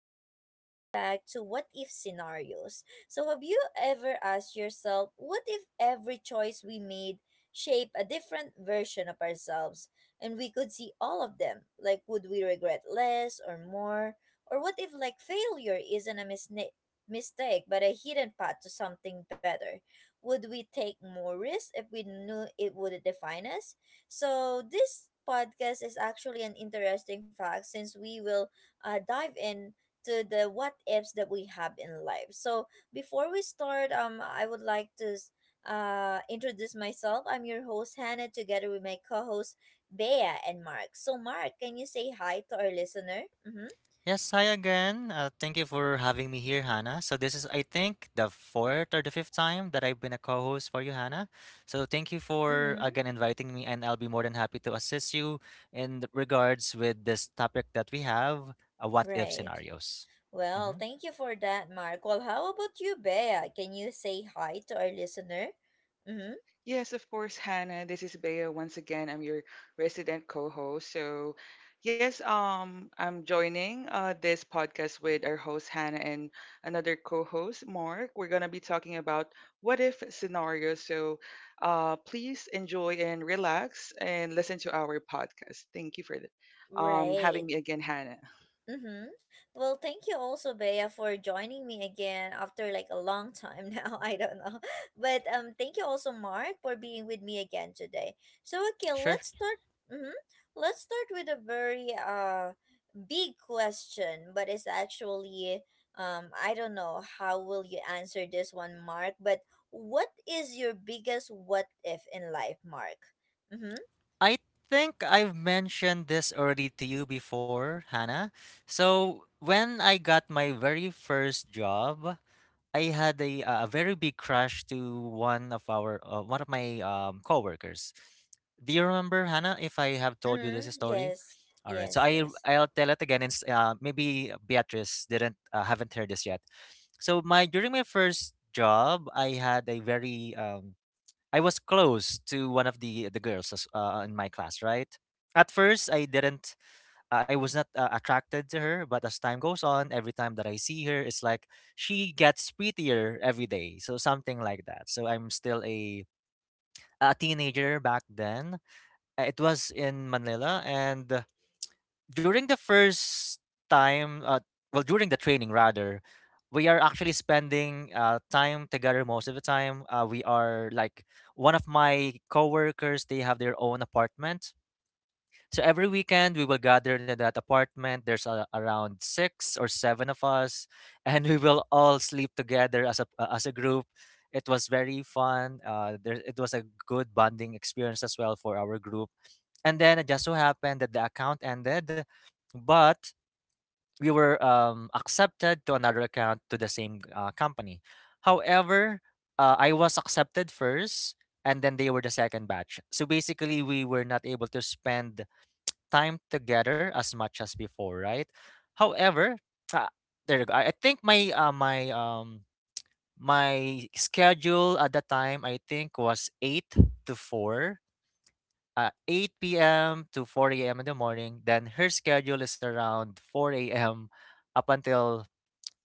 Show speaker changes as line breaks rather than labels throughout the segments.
and welcome back to What If Scenarios. So, have you ever asked yourself, what if every choice we made shape a different version of ourselves and we could see all of them? Like, would we regret less or more? Or what if, failure isn't a mistake but a hidden path to something better? Would we take more risk if we knew it would define us? So this podcast is actually an interesting fact since we will dive in to the what ifs that we have in life. So before we start, I would like to introduce myself. I'm your host Hannah, together with my co-host Bea and Mark. So Mark, can you say hi to our listener? Mm-hmm.
Yes, hi again. Thank you for having me here, Hannah. So this is, I think, the fourth or the fifth time that I've been a co-host for you, Hannah. So thank you for
Mm-hmm.
again inviting me, and I'll be more than happy to assist you in regards with this topic that we have, what if
Right.
scenarios.
Well,
hmm
thank you for that, Mark. Well, how about you, Bea? Can you say hi to our listener? Mm-hmm.
Yes, of course, Hannah. This is Bea once again. I'm your resident co-host. So, yes, I'm joining this podcast with our host Hannah and another co-host Mark. We're gonna be talking about what if scenarios. So, please enjoy and relax and listen to our podcast. Thank you for having me
Right.
again, Hannah.
Mm-hmm. Well, thank you also, Bea, for joining me again after like a long time now. I don't know. But thank you also, Mark, for being with me again today. So okay,
Sure.
let's start mm-hmm. Let's start with a very big question, but it's actually I don't know how will you answer this one, Mark, but what is your biggest what if in life, Mark? Mm-hmm.
I think I've mentioned this already to you before, Hannah. So when I got my very first job. I had a very big crush to one of my coworkers. Do you remember, Hannah? If I have told you
Mm-hmm.
this story,
Yes.
all right. So
Yes, yes.
I'll tell it again. Maybe Beatrice didn't haven't heard this yet. So my during my first job, I had a very I was close to one of the girls in my class. Right. At first, I was not attracted to her, but as time goes on, every time that I see her, it's like she gets prettier every day. So something like that. So I'm still a teenager back then. It was in Manila, and during the first time, well, during the training rather, we are actually spending time together most of the time. We are like one of my coworkers; they have their own apartment, so every weekend we will gather in that apartment. There's a, around six or seven of us, and we will all sleep together as a group. It was very fun. It was a good bonding experience as well for our group. And then it just so happened that the account ended, but we were accepted to another account to the same company. However, I was accepted first, and then they were the second batch. So basically, we were not able to spend time together as much as before, right? However, ah, there you go. I think my schedule at the time I think was eight to four. 8 p.m. to 4 a.m. in the morning. Then her schedule is around 4 a.m. up until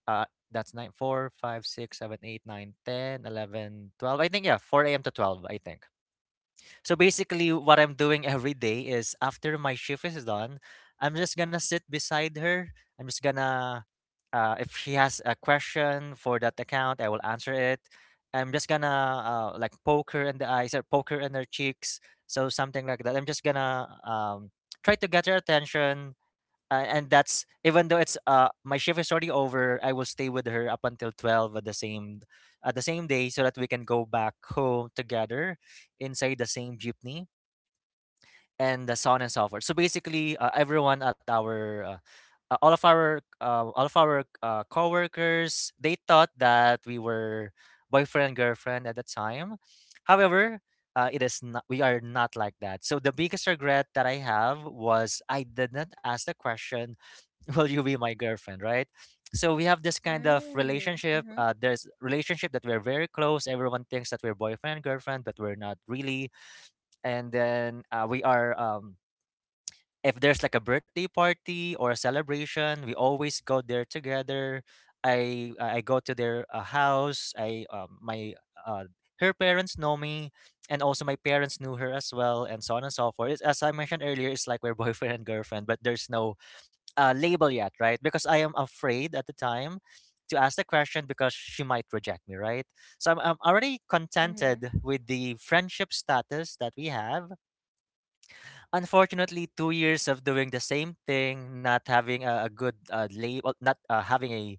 uh, that's 9, 4, 5, 6, 7, 8, 9, 10, 11, 12. I think, yeah, 4 a.m. to 12, I think. So basically, what I'm doing every day is after my shift is done, I'm just gonna sit beside her. I'm just gonna if he has a question for that account, I will answer it. I'm just gonna like poke her in the eyes or poke her in her cheeks, so something like that. I'm just gonna try to get her attention, and that's even though it's my shift is already over. I will stay with her up until 12 at the same day, so that we can go back home together inside the same jeepney and so on and so forth. So basically, everyone at our all of our all of our coworkers they thought that we were boyfriend girlfriend at the time. However, it is not. We are not like that. So the biggest regret that I have was I did not ask the question, "Will you be my girlfriend?" Right. So we have this kind of
Mm.
relationship.
Mm-hmm.
There's relationship that we're very close. Everyone thinks that we're boyfriend girlfriend, but we're not really. And then we are. If there's like a birthday party or a celebration, we always go there together. I go to their house. I my uh, Her parents know me, and also my parents knew her as well, and so on and so forth. It's, as I mentioned earlier, it's like we're boyfriend and girlfriend, but there's no label yet, right? Because I am afraid at the time to ask the question because she might reject me, right? So I'm already
Mm-hmm.
contented with the friendship status that we have. Unfortunately, 2 years of doing the same thing, not having a good label, not having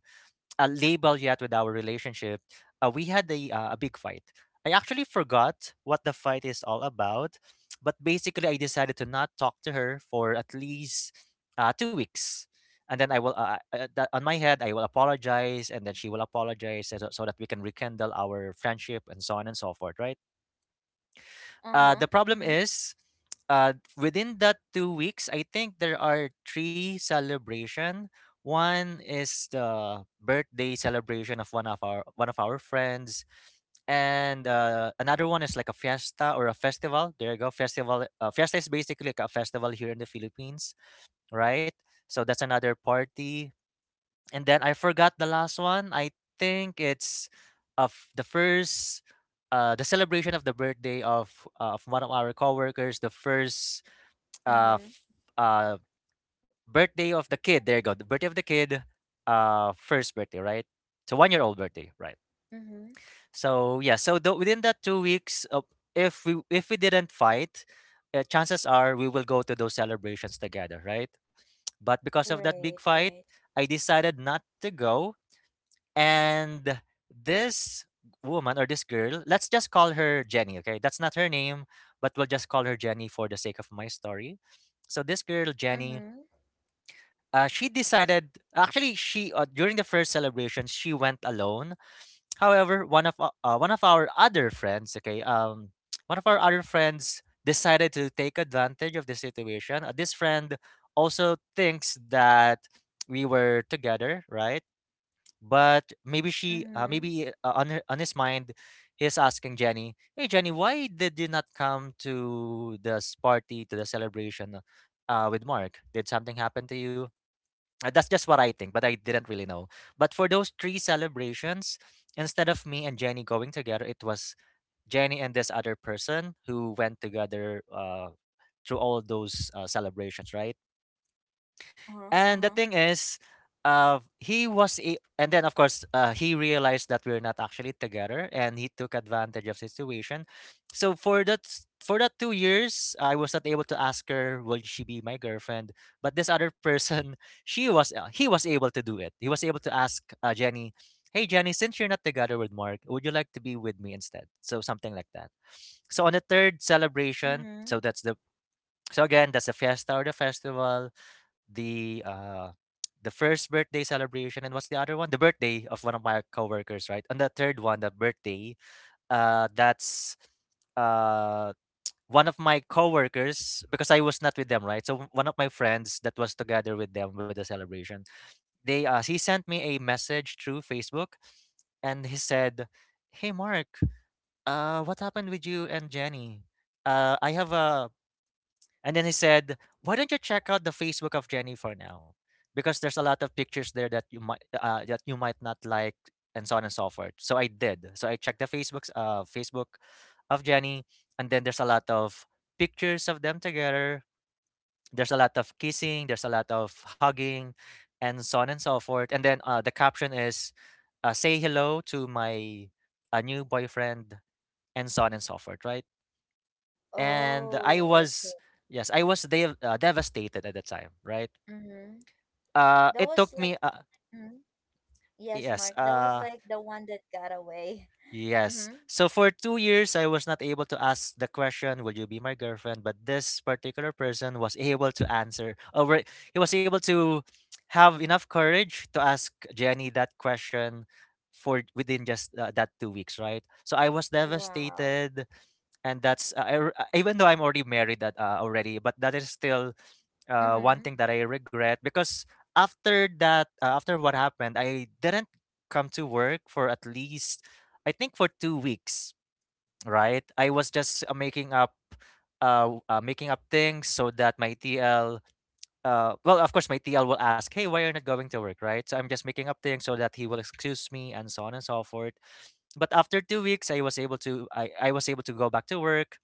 a label yet with our relationship, we had a big fight. I actually forgot what the fight is all about, but basically, I decided to not talk to her for at least 2 weeks. And then that on my head, I will apologize, and then she will apologize so, so that we can rekindle our friendship and so on and so forth, right?
Uh-huh.
The problem
Mhm.
is, within that 2 weeks, I think there are three celebration. One is the birthday celebration of one of our friends, and another one is like a fiesta or a festival. There you go, festival. Fiesta is basically like a festival here in the Philippines, right? So that's another party. And then I forgot the last one. I think it's of the first the celebration of the birthday of one of our coworkers, the uh
Mhm.
f- uh birthday of the kid. There you go. The birthday of the kid, first birthday, right? So 1 year old birthday, right?
Mhm.
So yeah, so the, within that 2 weeks, if we didn't fight, chances are we will go to those celebrations together, right? But because of that big
Right,
fight,
right.
I decided not to go and this woman or this girl, let's just call her Jenny, okay? That's not her name, but we'll just call her Jenny for the sake of my story. So this girl, Jenny,
Mhm.
she decided actually she during the first celebration she went alone. However, one of our other friends, okay, one of our other friends decided to take advantage of the situation. This friend also thinks that we were together, right? But
Mhm.
maybe on on his mind, he's asking Jenny, "Hey Jenny, why did you not come to this party to the celebration with Mark? Did something happen to you?" That's just what I think, but I didn't really know. But for those three celebrations, instead of me and Jenny going together, it was Jenny and this other person who went together through all those celebrations, right?
Uh-huh.
And the
Uh-huh.
thing is, and then of course, he realized that we're not actually together, and he took advantage of situation. So for that 2 years, I was not able to ask her, will she be my girlfriend? But this other person, he was able to do it. He was able to ask Jenny, hey Jenny, since you're not together with Mark, would you like to be with me instead? So something like that. So on the third celebration,
Mhm.
so that's the so again, that's the fiesta or the festival, the uh the first birthday celebration, and what's the other one? The birthday of one of my coworkers, right? And the third one, the birthday, that's uh one of my coworkers because I was not with them, right? So one of my friends that was together with them with the celebration, they he sent me a message through Facebook, and he said, "Hey Mark, what happened with you and Jenny? I have a and then he said, "Why don't you check out the Facebook of Jenny for now? Because there's a lot of pictures there that you might not like, and so on and so forth." So I did. So I checked the Facebook of Jenny, and then there's a lot of pictures of them together. There's a lot of kissing. There's a lot of hugging, and so on and so forth. And then the caption is, "Say hello to my new boyfriend," and so on and so forth. Right, and
Oh, okay.
I was devastated at the time, right?
Mhm. That
It
was
took
like
me
mhm. Yes,
yes,
Mark. That was like the one that got away.
Yes.
Mhm.
So for 2 years, I was not able to ask the question, "Will you be my girlfriend?" But this particular person was able to answer. He was able to have enough courage to ask Jenny that question for within just that 2 weeks, right, so I was
Wow.
devastated, and that's even though I'm already married that already, but that is still one
Mhm.
thing that I regret because after that, after what happened, I didn't come to work for at least, I think, for 2 weeks. Right, I was just making up things so that my TL, well, of course, my TL will ask, "Hey, why are you not going to work?" Right, so I'm just making up things so that he will excuse me and so on and so forth. But after 2 weeks, I was able to, I was able to go back to work,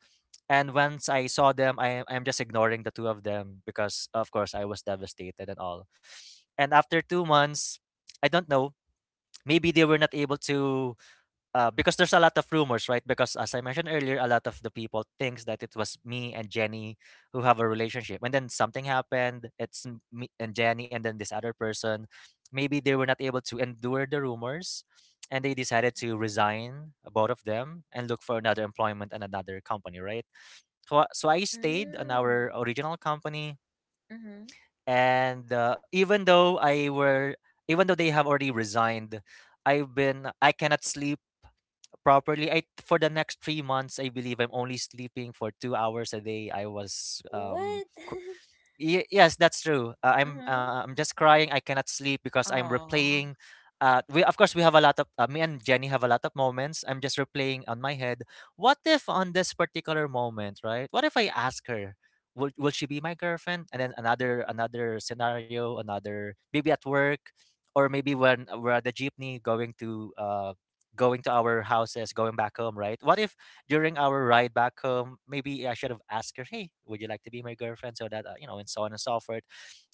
and once I saw them, I'm just ignoring the two of them because of course I was devastated and all. And after 2 months, I don't know. Maybe they were not able to because there's a lot of rumors, right? Because as I mentioned earlier, a lot of the people thinks that it was me and Jenny who have a relationship, and then something happened. It's me and Jenny, and then this other person. Maybe they were not able to endure the rumors, and they decided to resign, both of them, and look for another employment and another company, right? So so I stayed on
Mm.
our original company,
Mhm.
and even though they have already resigned, I cannot sleep properly. I For the next 3 months, I believe I'm only sleeping for 2 hours a day. I was
What?
Ye yes, that's true.
mhm.
I'm just crying. I cannot sleep because I'm
Aww.
replaying. We of course we have a lot of me and Jenny have a lot of moments. I'm just replaying on my head. What if on this particular moment, right? What if I ask her, will she be my girlfriend? And then another scenario, another maybe at work, or maybe when we're at the jeepney going to our houses, going back home, right? What if during our ride back home, maybe I should have asked her, "Hey, would you like to be my girlfriend?" So that and so on and so forth.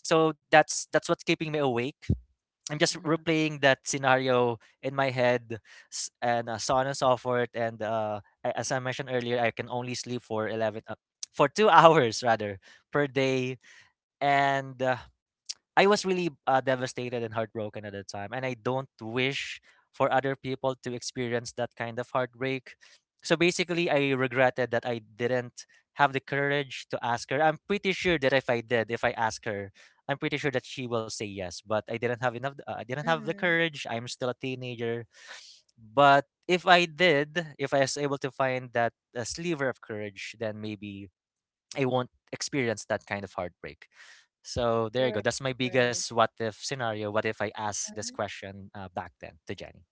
So that's what's keeping me awake. I'm just replaying that scenario in my head, s- and so on and so forth. And as I mentioned earlier, I can only sleep for 11, for two hours rather per day, and I was really devastated and heartbroken at the time, and I don't wish for other people to experience that kind of heartbreak. So basically, I regretted that I didn't have the courage to ask her. I'm pretty sure that if I did, if I ask her, I'm pretty sure that she will say yes. But I didn't have enough. I didn't have the
Mhm.
courage. I'm still a teenager. But if I did, if I was able to find that sliver of courage, then maybe I won't experience that kind of heartbreak. So there you go.
Right,
That's my biggest
right.
what if scenario. What if I asked this question back then to Jenny?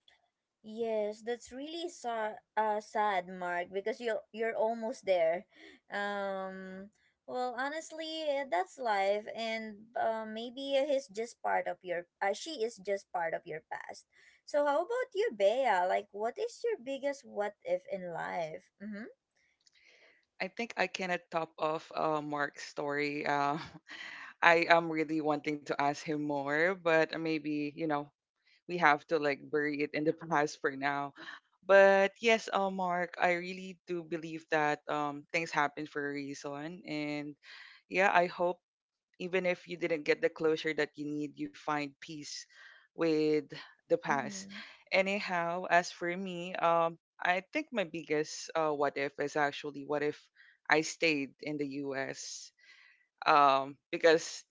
Yes, that's really sad, Mark, because you're almost there. Um, well, honestly, that's life, and maybe he's just part of your. She is just part of your past. So, how about you, Bea? Like, what is your biggest what if in life? Mm-hmm.
I think I cannot top off Mark's story. I am really wanting to ask him more, but maybe, you know, we have to like bury it in the past for now. But yes, Mark, I really do believe that things happen for a reason. And yeah, I hope even if you didn't get the closure that you need, you find peace with the past.
Mm-hmm.
Anyhow, as for me, I think my biggest what if is actually what if I stayed in the US because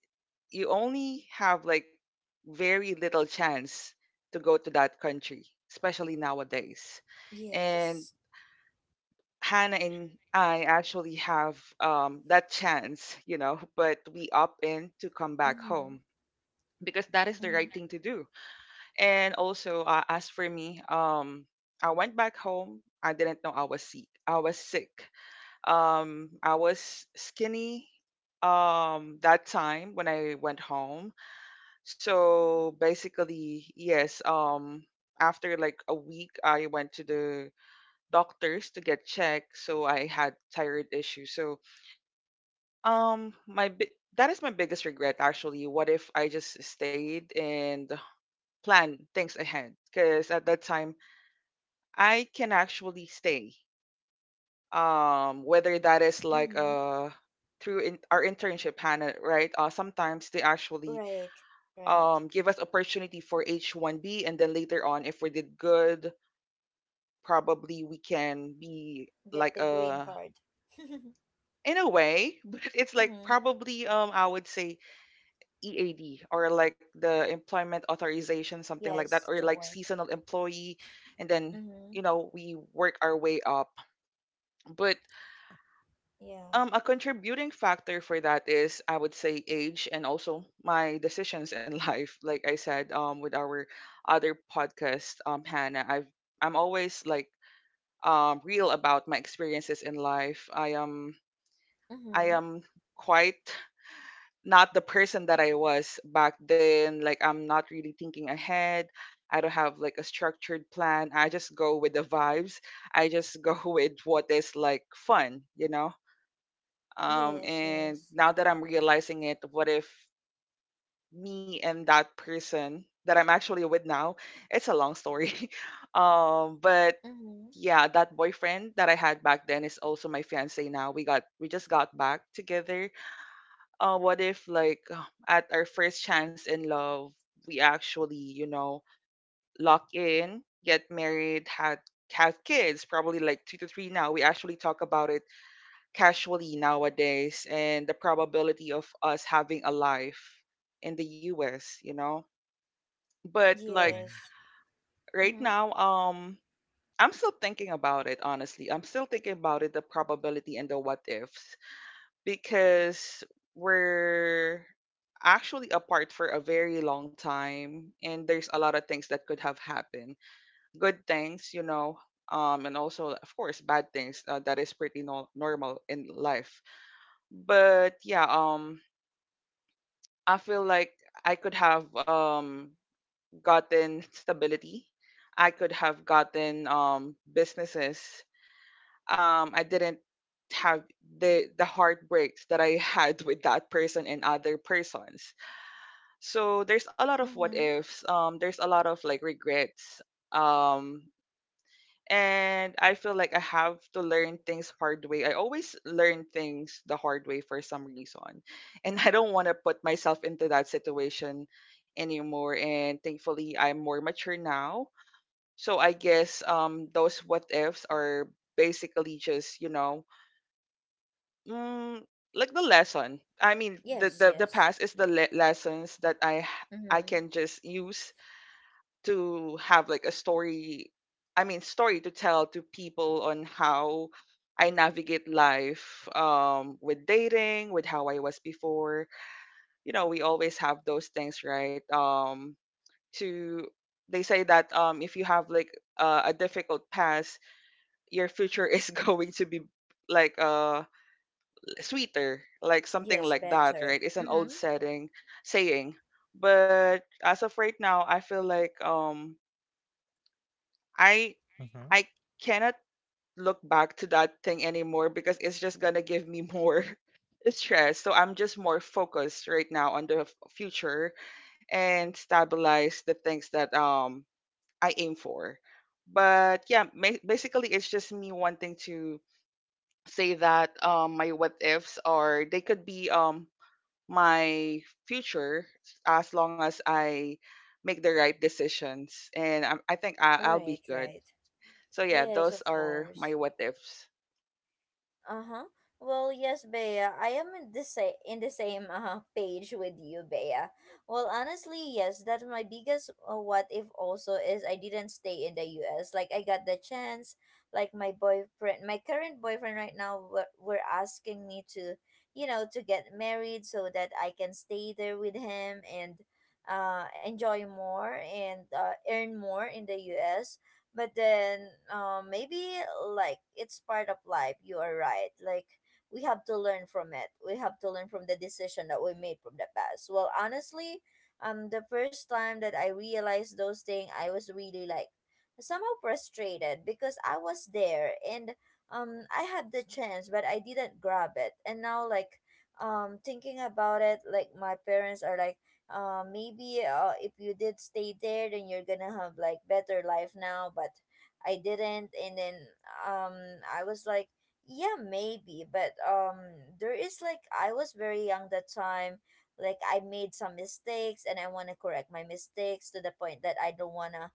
you only have like very little chance to go to that country, especially nowadays. And
Yes.
Hannah and I actually have that chance, you know, but we opt in to come back
Mm-hmm.
home because that is the right
Mm-hmm.
thing to do. And also, as for me, I went back home. I didn't know I was sick. I was sick. I was skinny that time when I went home. So basically, yes, after like a week I went to the doctors to get checked, so I had thyroid issues. So that is my biggest regret actually. What if I just stayed and planned things ahead? Cuz at that time I can actually stay. Whether that is like
Mm-hmm.
through in, our internship, Hannah, right? Sometimes they actually
Right. Right.
give us opportunity for H1B, and then later on, if we did good, probably we can be
Get
like
the green
a,
card.
in a way, but it's like
mm-hmm.
probably I would say EAD or like the employment authorization, something like that,
Yes, to
or like
work.
seasonal employee, and then
Mm-hmm.
you know we work our way up. But
Yeah.
A contributing factor for that is, I would say, age and also my decisions in life. Like I said, with our other podcast, Hannah, I'm always like real about my experiences in life. I am I
Mm-hmm.
am quite not the person that I was back then. Like I'm not really thinking ahead. I don't have like a structured plan. I just go with the vibes. I just go with what is like fun,
Yes,
and
yes.
now that I'm realizing it, what if me and that person that I'm actually with now, it's a long story. But
Mm-hmm.
yeah, that boyfriend that I had back then is also my fiance now. We just got back together. What if like at our first chance in love, we actually, you know, lock in, get married, had have kids, probably like two to three now. We actually talk about it casually nowadays and the probability of us having a life in the US, you know? But like
Yes.
right
Mm-hmm.
now, I'm still thinking about it, honestly. I'm still thinking about it, the probability and the what ifs, because we're actually apart for a very long time and there's a lot of things that could have happened. Good things, you know, and also, of course, bad things that is pretty normal in life, but yeah, I feel like I could have gotten stability. I could have gotten businesses. I didn't have the heartbreaks that I had with that person and other persons. So there's a lot of what
Mm-hmm.
ifs. There's a lot of like regrets. Um, and I feel like I have to learn things hard way. I always learn things the hard way for some reason, and I don't want to put myself into that situation anymore. And thankfully, I'm more mature now. So I guess those what ifs are basically just mm, like the lesson. I mean, the
Yes,
the the
yes.
past is the lessons that I
Mm-hmm.
can just use to have like a story, story to tell to people on how I navigate life with dating, with how I was before, we always have those things, right? To They say that if you have like a difficult past, your future is going to be like sweeter, like something
Yes,
like that,
better.
right? It's an
Mm-hmm.
old setting saying. But as of right now, I feel like I
Mm-hmm.
I cannot look back to that thing anymore because it's just gonna give me more stress. So I'm just more focused right now on the future and stabilize the things that I aim for. But yeah, basically it's just me wanting to say that my what ifs, are they could be my future as long as I make the right decisions, and I think I'll
Right,
be good.
right.
So yeah,
Yes,
those
of
are my
course.
what ifs.
Uh-huh. Well, yes, Bea. I am in the same page with you, Bea. Well, honestly, yes, that's my biggest what if also is I didn't stay in the US. Like I got the chance, like my current boyfriend right now were asking me to, you know, to get married so that I can stay there with him and enjoy more and earn more in the US, but then maybe like it's part of life. You are right. Like we have to learn from it. We have to learn from the decision that we made from the past. Well, honestly, the first time that I realized those things, I was really like somehow frustrated because I was there. And I had the chance but I didn't grab it, and now like, thinking about it, like my parents are like, maybe if you did stay there then you're gonna have like better life now, but I didn't. And then um I was like yeah, maybe. But there is like, I was very young that time. Like I made some mistakes and I want to correct my mistakes to the point that I don't want to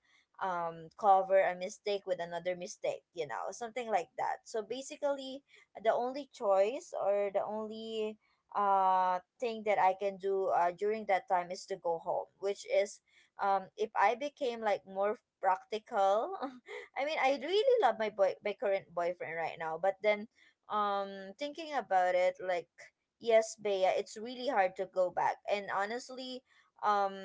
cover a mistake with another mistake, you know, something like that. So basically the only choice or the only thing that I can do during that time is to go home, which is if I became like more practical, I mean I really love my boy my current boyfriend right now. But then thinking about it, like, yes, Bea, it's really hard to go back. And honestly, um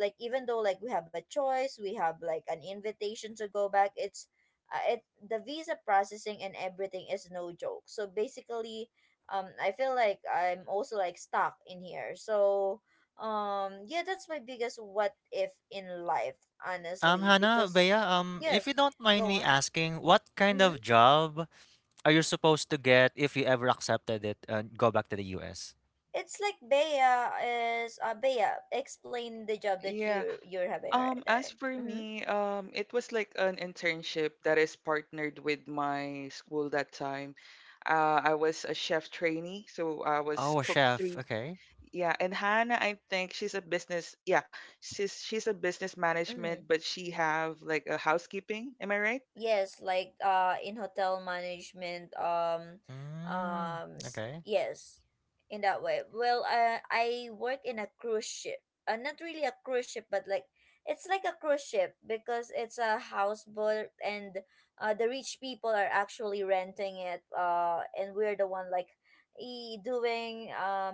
like even though like we have a choice, we have like an invitation to go back, it's it the visa processing and everything is no joke. So basically, I feel like I'm also like stuck in here. So yeah, that's my biggest what if in life, honestly,
Hannah,
because
Bea, if you
yes,
don't mind
go
me
on.
asking, what kind
Mm-hmm.
of job are you supposed to get if you ever accepted it and go back to the US?
It's like Bea is Bea explain the job that
Yeah.
you're having right there.
As for
Mm-hmm.
me, it was like an internship that is partnered with my school that time. I was a chef trainee, so I was
Oh, a
cook
chef.
3.
Okay.
Yeah, and Hannah, I think she's a business, yeah, she's a business
Mm-hmm.
management, but she have like a housekeeping, am I right?
Yes, like in hotel management
Mm, okay.
yes, in that way. Well, I work in a cruise ship. Not really a cruise ship, but like it's like a cruise ship because it's a houseboat, and the rich people are actually renting it, and we're the one like e doing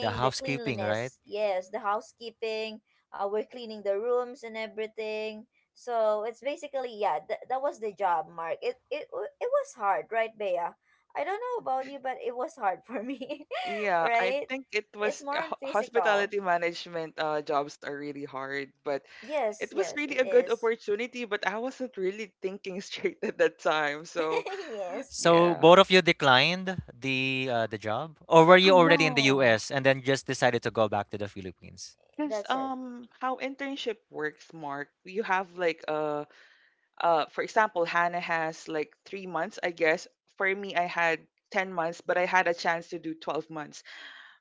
The
the
housekeeping, right?
cleanliness. Yes, the housekeeping. We're cleaning the rooms and everything. So it's basically yeah, that was the job, Mark. It it was hard, right, Bea? I don't know about you, but it was hard for me,
Yeah, I
right?
think it
It's
was
more on physical.
hospitality management, jobs are really hard, but
Yes,
it was
yes,
really
it
a good
is.
opportunity, but I wasn't really thinking straight at that time. So,
yes,
So
yeah.
both of you declined the job, or were you already in the
No.
US and then just decided to go back to the Philippines?
Because
that's it.
how internship works, Mark, you have like for example, Hannah has like 3 months, I guess. For me, I had 10 months, but I had a chance to do 12 months.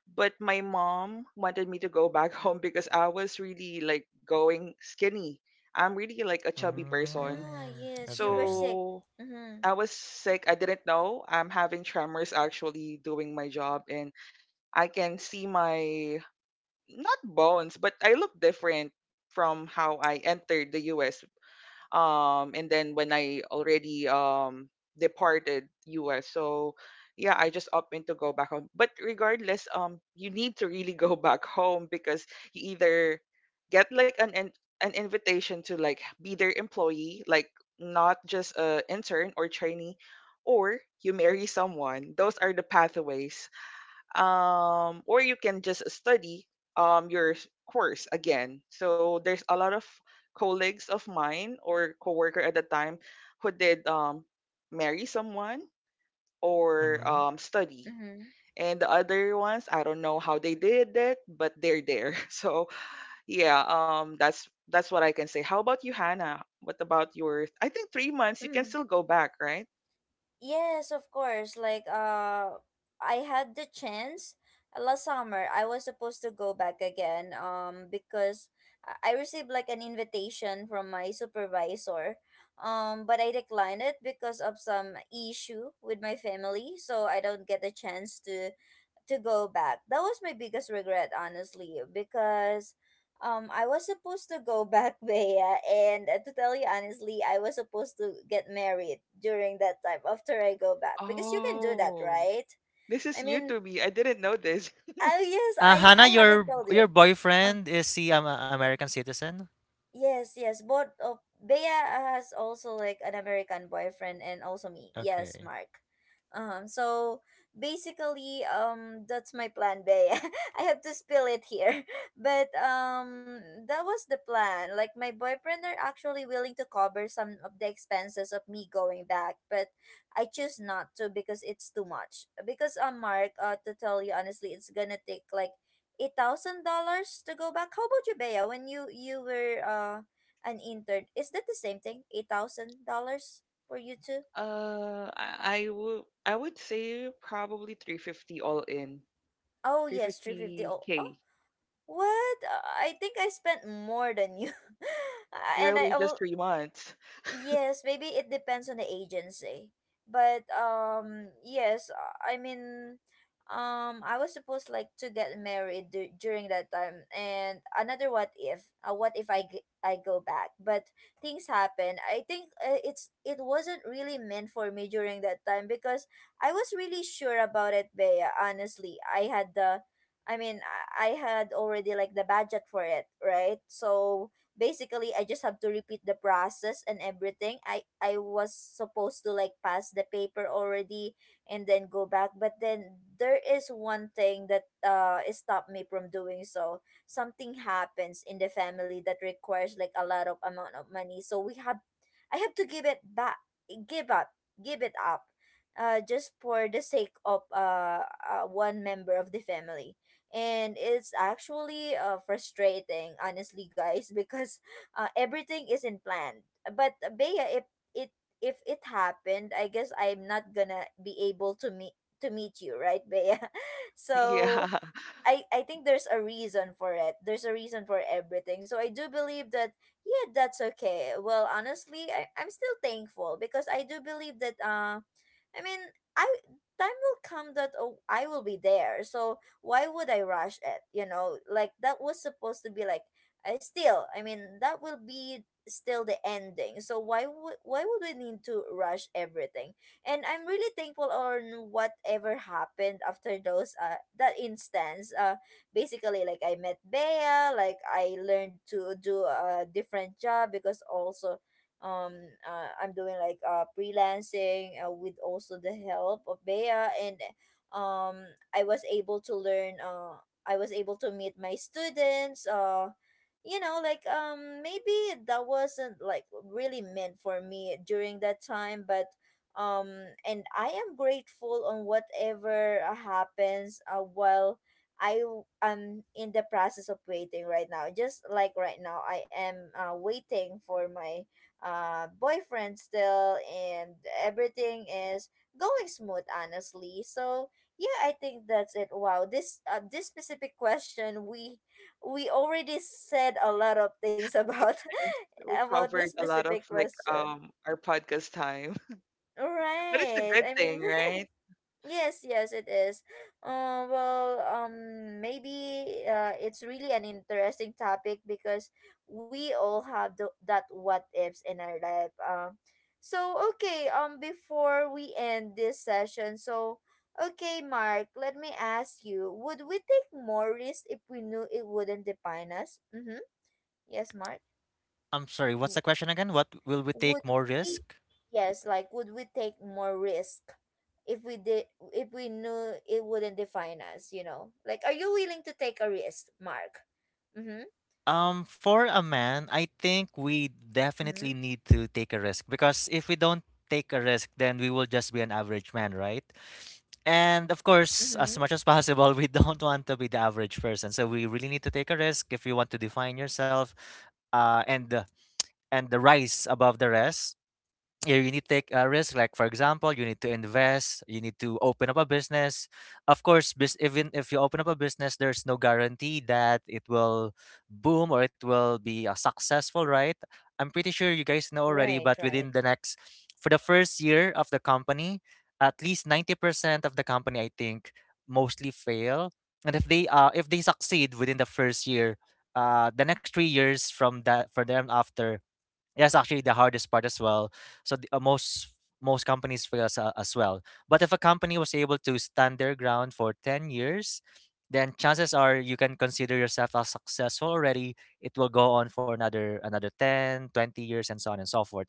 But my mom wanted me to go back home because I was really like going skinny. I'm really like a chubby person.
Ah,
Mm,
yes, you were
okay.
sick.
So
Mhm.
I was sick. I didn't know. I'm having tremors actually doing my job, and I can see my, not bones, but I look different from how I entered the US, and then when I already departed us. So yeah, I just opted to go back home, but regardless, you need to really go back home because you either get like an an invitation to like be their employee, like not just a intern or trainee, or you marry someone. Those are the pathways, or you can just study your course again. So there's a lot of colleagues of mine or coworker at the time who did marry someone or
Mm-hmm.
study.
Mhm.
And the other ones, I don't know how they did it, but they're there. So yeah, that's what I can say. How about you, Hannah? What about your? I think 3 months. You can
Mhm.
still go back, right?
Yes, of course. Like, I had the chance last summer. I was supposed to go back again, because I received like an invitation from my supervisor, but I declined it because of some issue with my family, so I don't get the chance to go back. That was my biggest regret, honestly, because I was supposed to go back, Bea, and to tell you honestly, I was supposed to get married during that time after I go back, because you can do that,
Oh,
right?
this is
I
new
mean,
to me. I didn't know this.
oh yes, I
Hannah,
I haven't told
your
you. Uh,
boyfriend is he a American citizen?
Yes, yes. Both of Bea has also like an American boyfriend and also me. Yes,
Okay.
Mark. Um, so basically, that's my plan, Bea. I have to spill it here. But that was the plan. Like my boyfriend are actually willing to cover some of the expenses of me going back, but I choose not to because it's too much. Because Mark, to tell you honestly, it's gonna take like $8,000 to go back. How about you, Bea? When you were an intern, is that the same thing? $8,000 for you too?
I would say probably 350 all in.
Oh yes, 350K. Oh, oh,
350K.
what? I think I spent more than you.
Girl,
And I
you're just
al
3 months.
Yes, maybe it depends on the agency. But yes, I mean I was supposed like to get married during that time. And another what if, what if I go back, but things happen. I think it's it wasn't really meant for me during that time because I was really sure about it, Bea, honestly. I mean I I had already like the budget for it, right? So basically I just have to repeat the process and everything. I was supposed to like pass the paper already and then go back, but then there is one thing that it stopped me from doing so. Something happens in the family that requires like a lot of amount of money, so we have I have to give it back, give up, give it up, just for the sake of one member of the family. And it's actually frustrating, honestly, guys, because everything isn't planned. But Bea, it if it happened I guess I'm not gonna be able to meet you, right, Bea? So
Yeah.
I think there's a reason for it. There's a reason for everything. So I do believe that yeah, that's okay. Well, honestly, I'm still thankful because I do believe that I mean, I time will come that oh, I will be there. So why would I rush it? You know, like that was supposed to be like I mean, that will be still the ending. So why would we need to rush everything? And I'm really thankful on whatever happened after those that instance. Basically, like I met Bea, like I learned to do a different job because also, um I'm doing like freelancing, with also the help of Bea. And um I was able to learn, I was able to meet my students. You know, like, maybe that wasn't like really meant for me during that time, but um and I am grateful on whatever happens, while am in the process of waiting right now. Just like right now I am waiting for my boyfriend still, and everything is going smooth, honestly. So yeah, I think that's it. Wow, this specific question, we already said a lot of things about
Yes, we
about
covered
this
a lot of
specific
like
question,
our podcast time. But it's a
right?
good
I mean
thing, right?
yes, yes, it is. Well, maybe it's really an interesting topic because we all have the, that what ifs in our life. So okay, before we end this session, so okay, Mark, let me ask you: would we take more risk if we knew it wouldn't define us? Mm-hmm. Yes, Mark,
I'm sorry. What's the question again? What will we
would
take more
we
risk?
yes, like would we take more risk if we did if we knew it wouldn't define us? You know, like, are you willing to take a risk, Mark? Mm-hmm.
For a man, I think we
Mm-hmm.
definitely need to take a risk because if we don't take a risk, then we will just be an average man, right? And of course, as
Mm-hmm.
much as possible, we don't want to be the average person. So we really need to take a risk if you want to define yourself, uh, and and the rise above the rest. Yeah, you need to take a risk. Like for example, you need to invest, you need to open up a business. Of course, even if you open up a business, there's no guarantee that it will boom or it will be successful, right? I'm pretty sure you guys know already,
Right,
but
right.
within the next, for the first year of the company, at least 90% of the company, I think, mostly fail. And if they succeed within the first year, the next 3 years from that for them after that's actually the hardest part as well. So the, most companies fail as well. But if a company was able to stand their ground for 10 years, then chances are you can consider yourself as successful already. It will go on for another 10, 20 years and so on and so forth.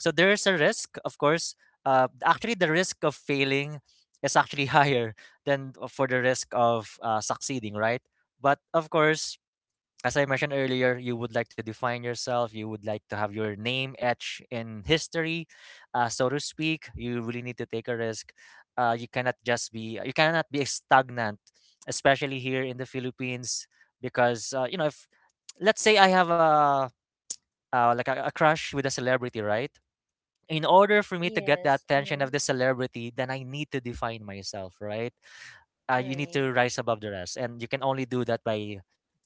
So there's a risk, of course. Actually the risk of failing is actually higher than for the risk of succeeding, right? But of course, as I mentioned earlier, you would like to define yourself. You would like to have your name etched in history, so to speak. You really need to take a risk. You cannot be stagnant, especially here in the Philippines, because you know if let's say I have a like a crush with a celebrity, right? In order for me to get the
Yes,
attention of
mm-hmm.
the celebrity, then I need to define myself, right? You need
Right.
to rise above the rest, and you can only do that by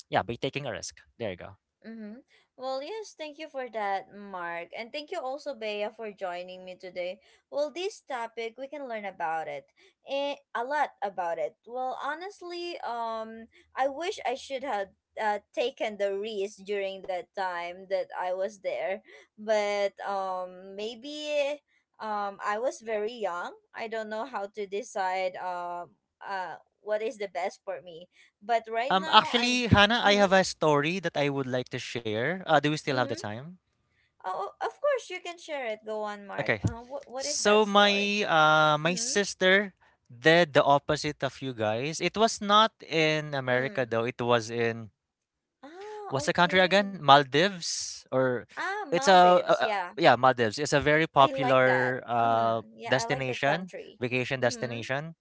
yeah by taking a risk. There you go.
Mm-hmm. Well, yes, thank you for that, Mark. And thank you also, Bea, for joining me today. Well, this topic, we can learn about it. Eh, a lot about it. Well, honestly, I wish I should have taken the risk during that time that I was there. But maybe I was very young. I don't know how to decide what is the best for me. But right now,
Actually,
I'm...
Hannah, I have
Mm-hmm.
a story that I would like to share. Do we still have the
Mm-hmm.
time?
Oh, of course you can share it. Go on, Mark.
Okay.
What is
So
that story?
my
Mm-hmm.
sister did the opposite of you guys. It was not in America
Mm.
though. It was in
Ah,
what's the country again?
okay.
Maldives or
Ah,
it's
Maldives.
a
Yeah,
yeah Maldives. It's a very
I like that.
popular
Mm-hmm. Yeah, I like that
destination,
country.
vacation
Mm-hmm.
destination.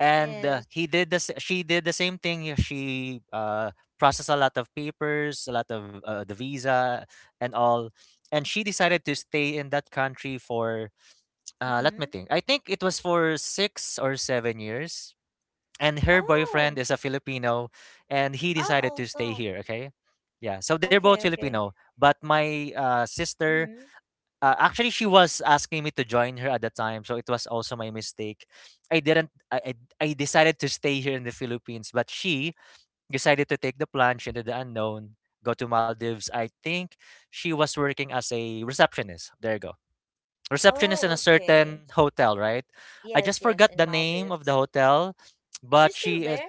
And
Yes.
he did the she did the same thing. Yeah, she processed a lot of papers, a lot of the visa and all. And she decided to stay in that country for, let me
Mm-hmm.
think. I think it was for 6 or 7 years. And her boyfriend
Oh.
is a Filipino, and he
Ah,
decided to stay
also.
here. Okay, yeah. So they're both
Okay. Okay.
Filipino, but my sister
Mm-hmm.
actually, she was asking me to join her at the time, so it was also my mistake. I didn't. I decided to stay here in the Philippines, but she decided to take the plunge into the unknown, go to Maldives. I think she was working as a receptionist. There you go, receptionist
Oh,
in a
okay.
certain hotel, right? I
Yes.
just
Yes.
forgot
In
the name of
Maldives.
the hotel,
Is she
but
still
she is
there?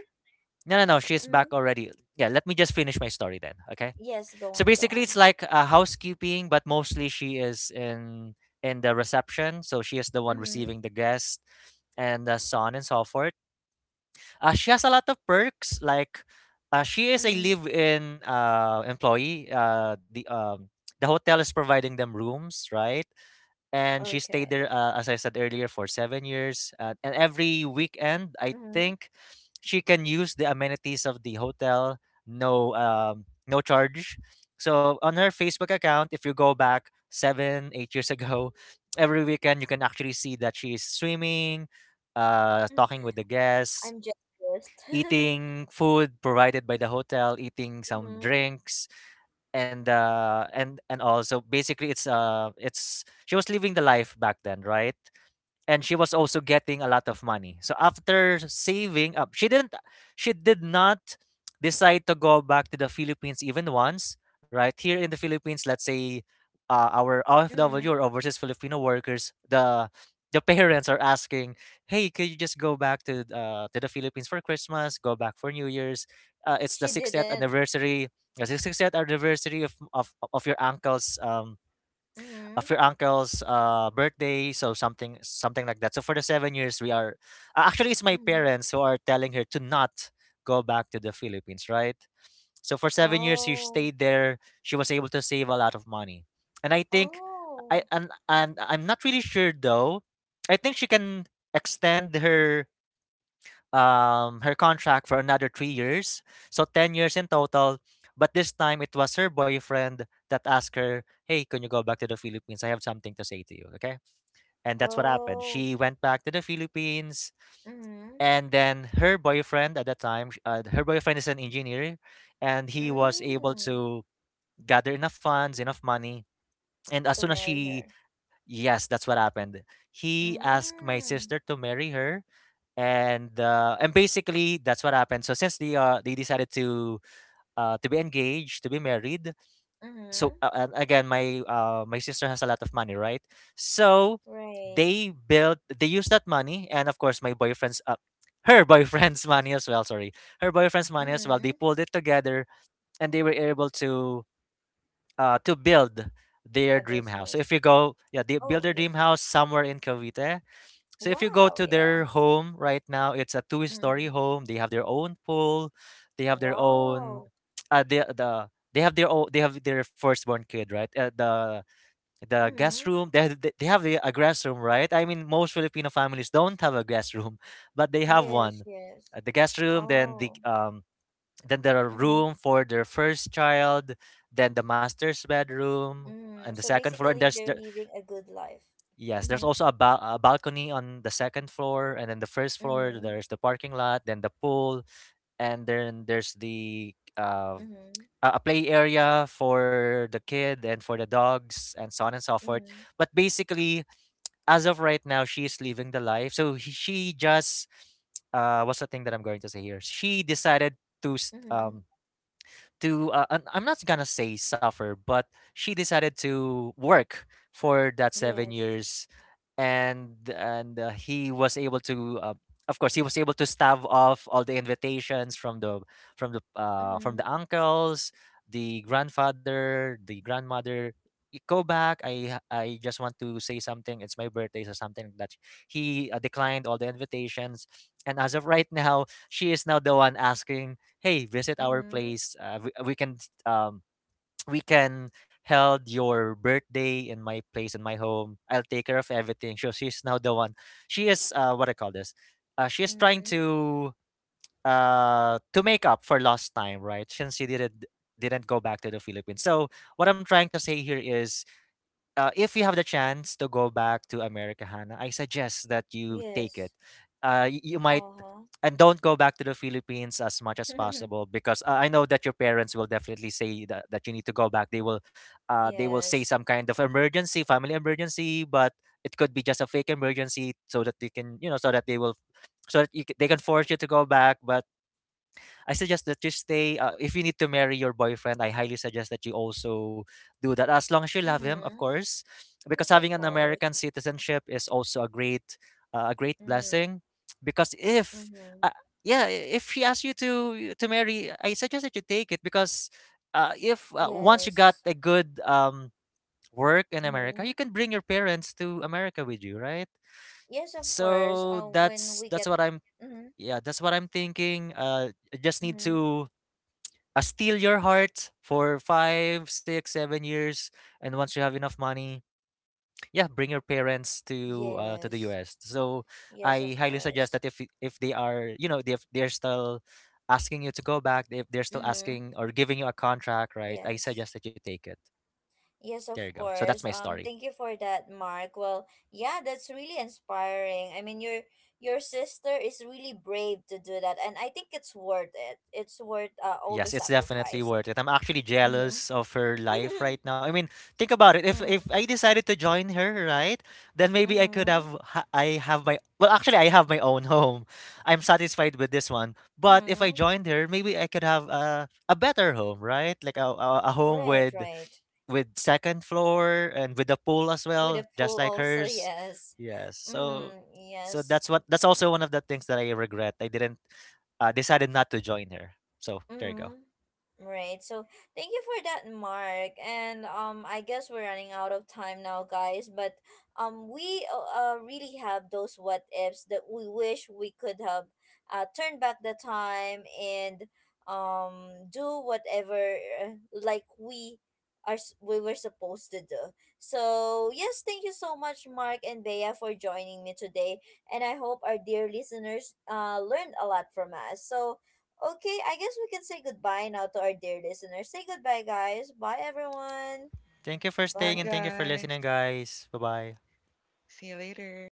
no, no, no. She is
Mm-hmm.
back already. Yeah, let me just finish my story then. Okay,
Yes. Go
so
on. Go
basically, it's
on.
like housekeeping, but mostly she is in the reception, so she is the one
Mm-hmm.
receiving the guest, and so on and so forth. She has a lot of perks, like she is a
Mm-hmm.
live-in employee. The hotel is providing them rooms, right? And she stayed
Okay.
there as I said earlier for 7 years, and every weekend I
Mm-hmm.
think she can use the amenities of the hotel, no charge. So on her Facebook account if you go back 7, 8 years ago, every weekend you can actually see that she is swimming, talking with the guests,
I'm jealous.
eating food provided by the hotel, eating some
Mm-hmm.
drinks, and also basically it's she was living the life back then, right? And she was also getting a lot of money. So after saving up, she didn't, she did not decide to go back to the Philippines even once, right? Here in the Philippines, let's say our OFW or
Mhm.
overseas Filipino workers, the parents are asking, "Hey, could you just go back to the Philippines for Christmas? Go back for New Year's? It's the
She
60th
didn't.
anniversary, the 60th anniversary of your uncle's
Mhm.
birthday, so something like that." So for the 7 years, we are actually it's my
Mhm.
parents who are telling her to not go back to the Philippines, right? So for 7 years, she
Oh.
stayed there. She was able to save a lot of money, and I think
Oh.
I and I'm not really sure though. I think she can extend her her contract for another 3 years, so 10 years in total. But this time it was her boyfriend that asked her, "Hey, can you go back to the Philippines? I have something to say to you, okay?" And that's what happened.
Oh.
She went back to the Philippines,
Mhm.
and then her boyfriend at that time, her boyfriend is an engineer, and he was able
Mm.
to gather enough funds, enough money. And as
To
soon as
marry
she,
her.
yes, that's what happened. He asked my
Mm.
sister to marry her and basically that's what happened. So since they decided to be engaged, to be married. So
Mhm.
and again, my sister has a lot of money, right? So
Right.
they used that money, and of course my boyfriend's her boyfriend's money as well. Sorry, her boyfriend's money as well. They
Mhm.
pulled it together, and they were able to build their
A
dream house. So if
business.
you go, yeah, they build
Oh
their
yeah.
dream house somewhere in Cavite, so if you go
Wow.
to
Yeah.
their home right now, it's a two-story
Mhm.
home. They have their own pool. They have their own
Wow.
uh the the they have their own, they have their firstborn kid, right? The guest
Mhm.
room. They have the- a guest room, right? I mean, most Filipino families don't have a guest room, but they have
Yes.
one.
Yes.
The guest room, then
Oh.
then there are
Mhm.
room for their first child, then the master's bedroom and
Mm.
the
So
second floor, and
basically, they're living a good life.
yes, there's
Mhm.
also a, a balcony on the second floor, and then the first floor
Mhm.
there's the parking lot, then the pool, and then there's the
Mhm.
a play area for the kid and for the dogs, and so on and so forth.
Mhm.
But basically, as of right now, she's living the life. So she just what's the thing that I'm going to say here? She decided to
Mhm.
to I'm not gonna say suffer, but she decided to work for that seven
Yes.
years, and he was able to. Of course, he was able to stave off all the invitations from the from
Mm-hmm.
the uncles, the grandfather, the grandmother. Go back. I just want to say something. It's my birthday," or something like that. He declined all the invitations, and as of right now, she is now the one asking, hey, visit our
Mm-hmm.
place, we, can um we can held your birthday in my place, in my home, I'll take care of everything. So she's now the one, she is, what I call this, she's trying
Mm-hmm.
to make up for lost time, right? Since she didn't go back to the Philippines. So what I'm trying to say here is, if you have the chance to go back to America, Hannah, I suggest that you take it.
Yes.
You might,
Uh-huh.
and don't go back to the Philippines as much as possible because I know that your parents will definitely say that, that you need to go back. They will say
Yes.
some kind of emergency, family emergency, but it could be just a fake emergency so that they can, you know, so that they will, so that they can force you to go back. But I suggest that you stay. If you need to marry your boyfriend, I highly suggest that you also do that. As long as you love him, of
Mm-hmm.
course, because
Yes, of
having an American
course.
citizenship is also a great
Mm.
blessing. Because if,
Mm-hmm.
uh, yeah, if he asks you to marry, I suggest that you take it because, if once you got
Yes.
a good work in America,
Mm-hmm.
you can bring your parents to America with you, right?
Yes, of course.
So
When
that's
we
that's
get.
what I'm.
Mm-hmm.
Yeah, that's what I'm thinking. I just need
Mm-hmm.
to steal your heart for five, six, 7 years, and once you have enough money, yeah, bring your parents to the
Yes.
U.S. So
Yes,
I
of
highly suggest
course.
that if they are, you know, if they're still asking you to go back, if they're still
Mm-hmm.
asking or giving you a contract, right? I
Yes.
suggest that you take it.
Yes,
There
of
you go. So that's
course.
my story.
Thank you for that, Mark. Well, yeah, that's really inspiring. I mean, your sister is really brave to do that, and I think it's worth it. It's worth all the
Yes, it's definitely
sacrifices.
worth it. I'm actually
Mm-hmm.
jealous of her life right now. I mean, think about it. If
mm,
if I decided to join her, right, then maybe I could
mm-hmm.
I have my, well, actually, I have my own home. I'm satisfied with this one. But if I
Mm-hmm.
joined her, maybe I could have a better home, right? Like a home
Right, right.
with second floor and with a pool as
With
well,
a
just
pool
like
also,
hers.
yes.
Yes. So
Mm-hmm. Yes.
that's what, that's also one of the things that I regret. I didn't decided not to join her. So there you go.
Mm-hmm. Right. So thank you for that, Mark. And I guess we're running out of time now, guys. But we really have those what ifs that we wish we could have turned back the time and do whatever like we were supposed to do. So yes, thank you so much, Mark and Bea, for joining me today. And I hope our dear listeners learned a lot from us. So okay, I guess we can say goodbye now to our dear listeners. Say goodbye, guys. Bye, everyone.
Thank you for
Bye
staying and
Bye.
thank you for
guys.
listening, guys. Bye-bye.
See you later.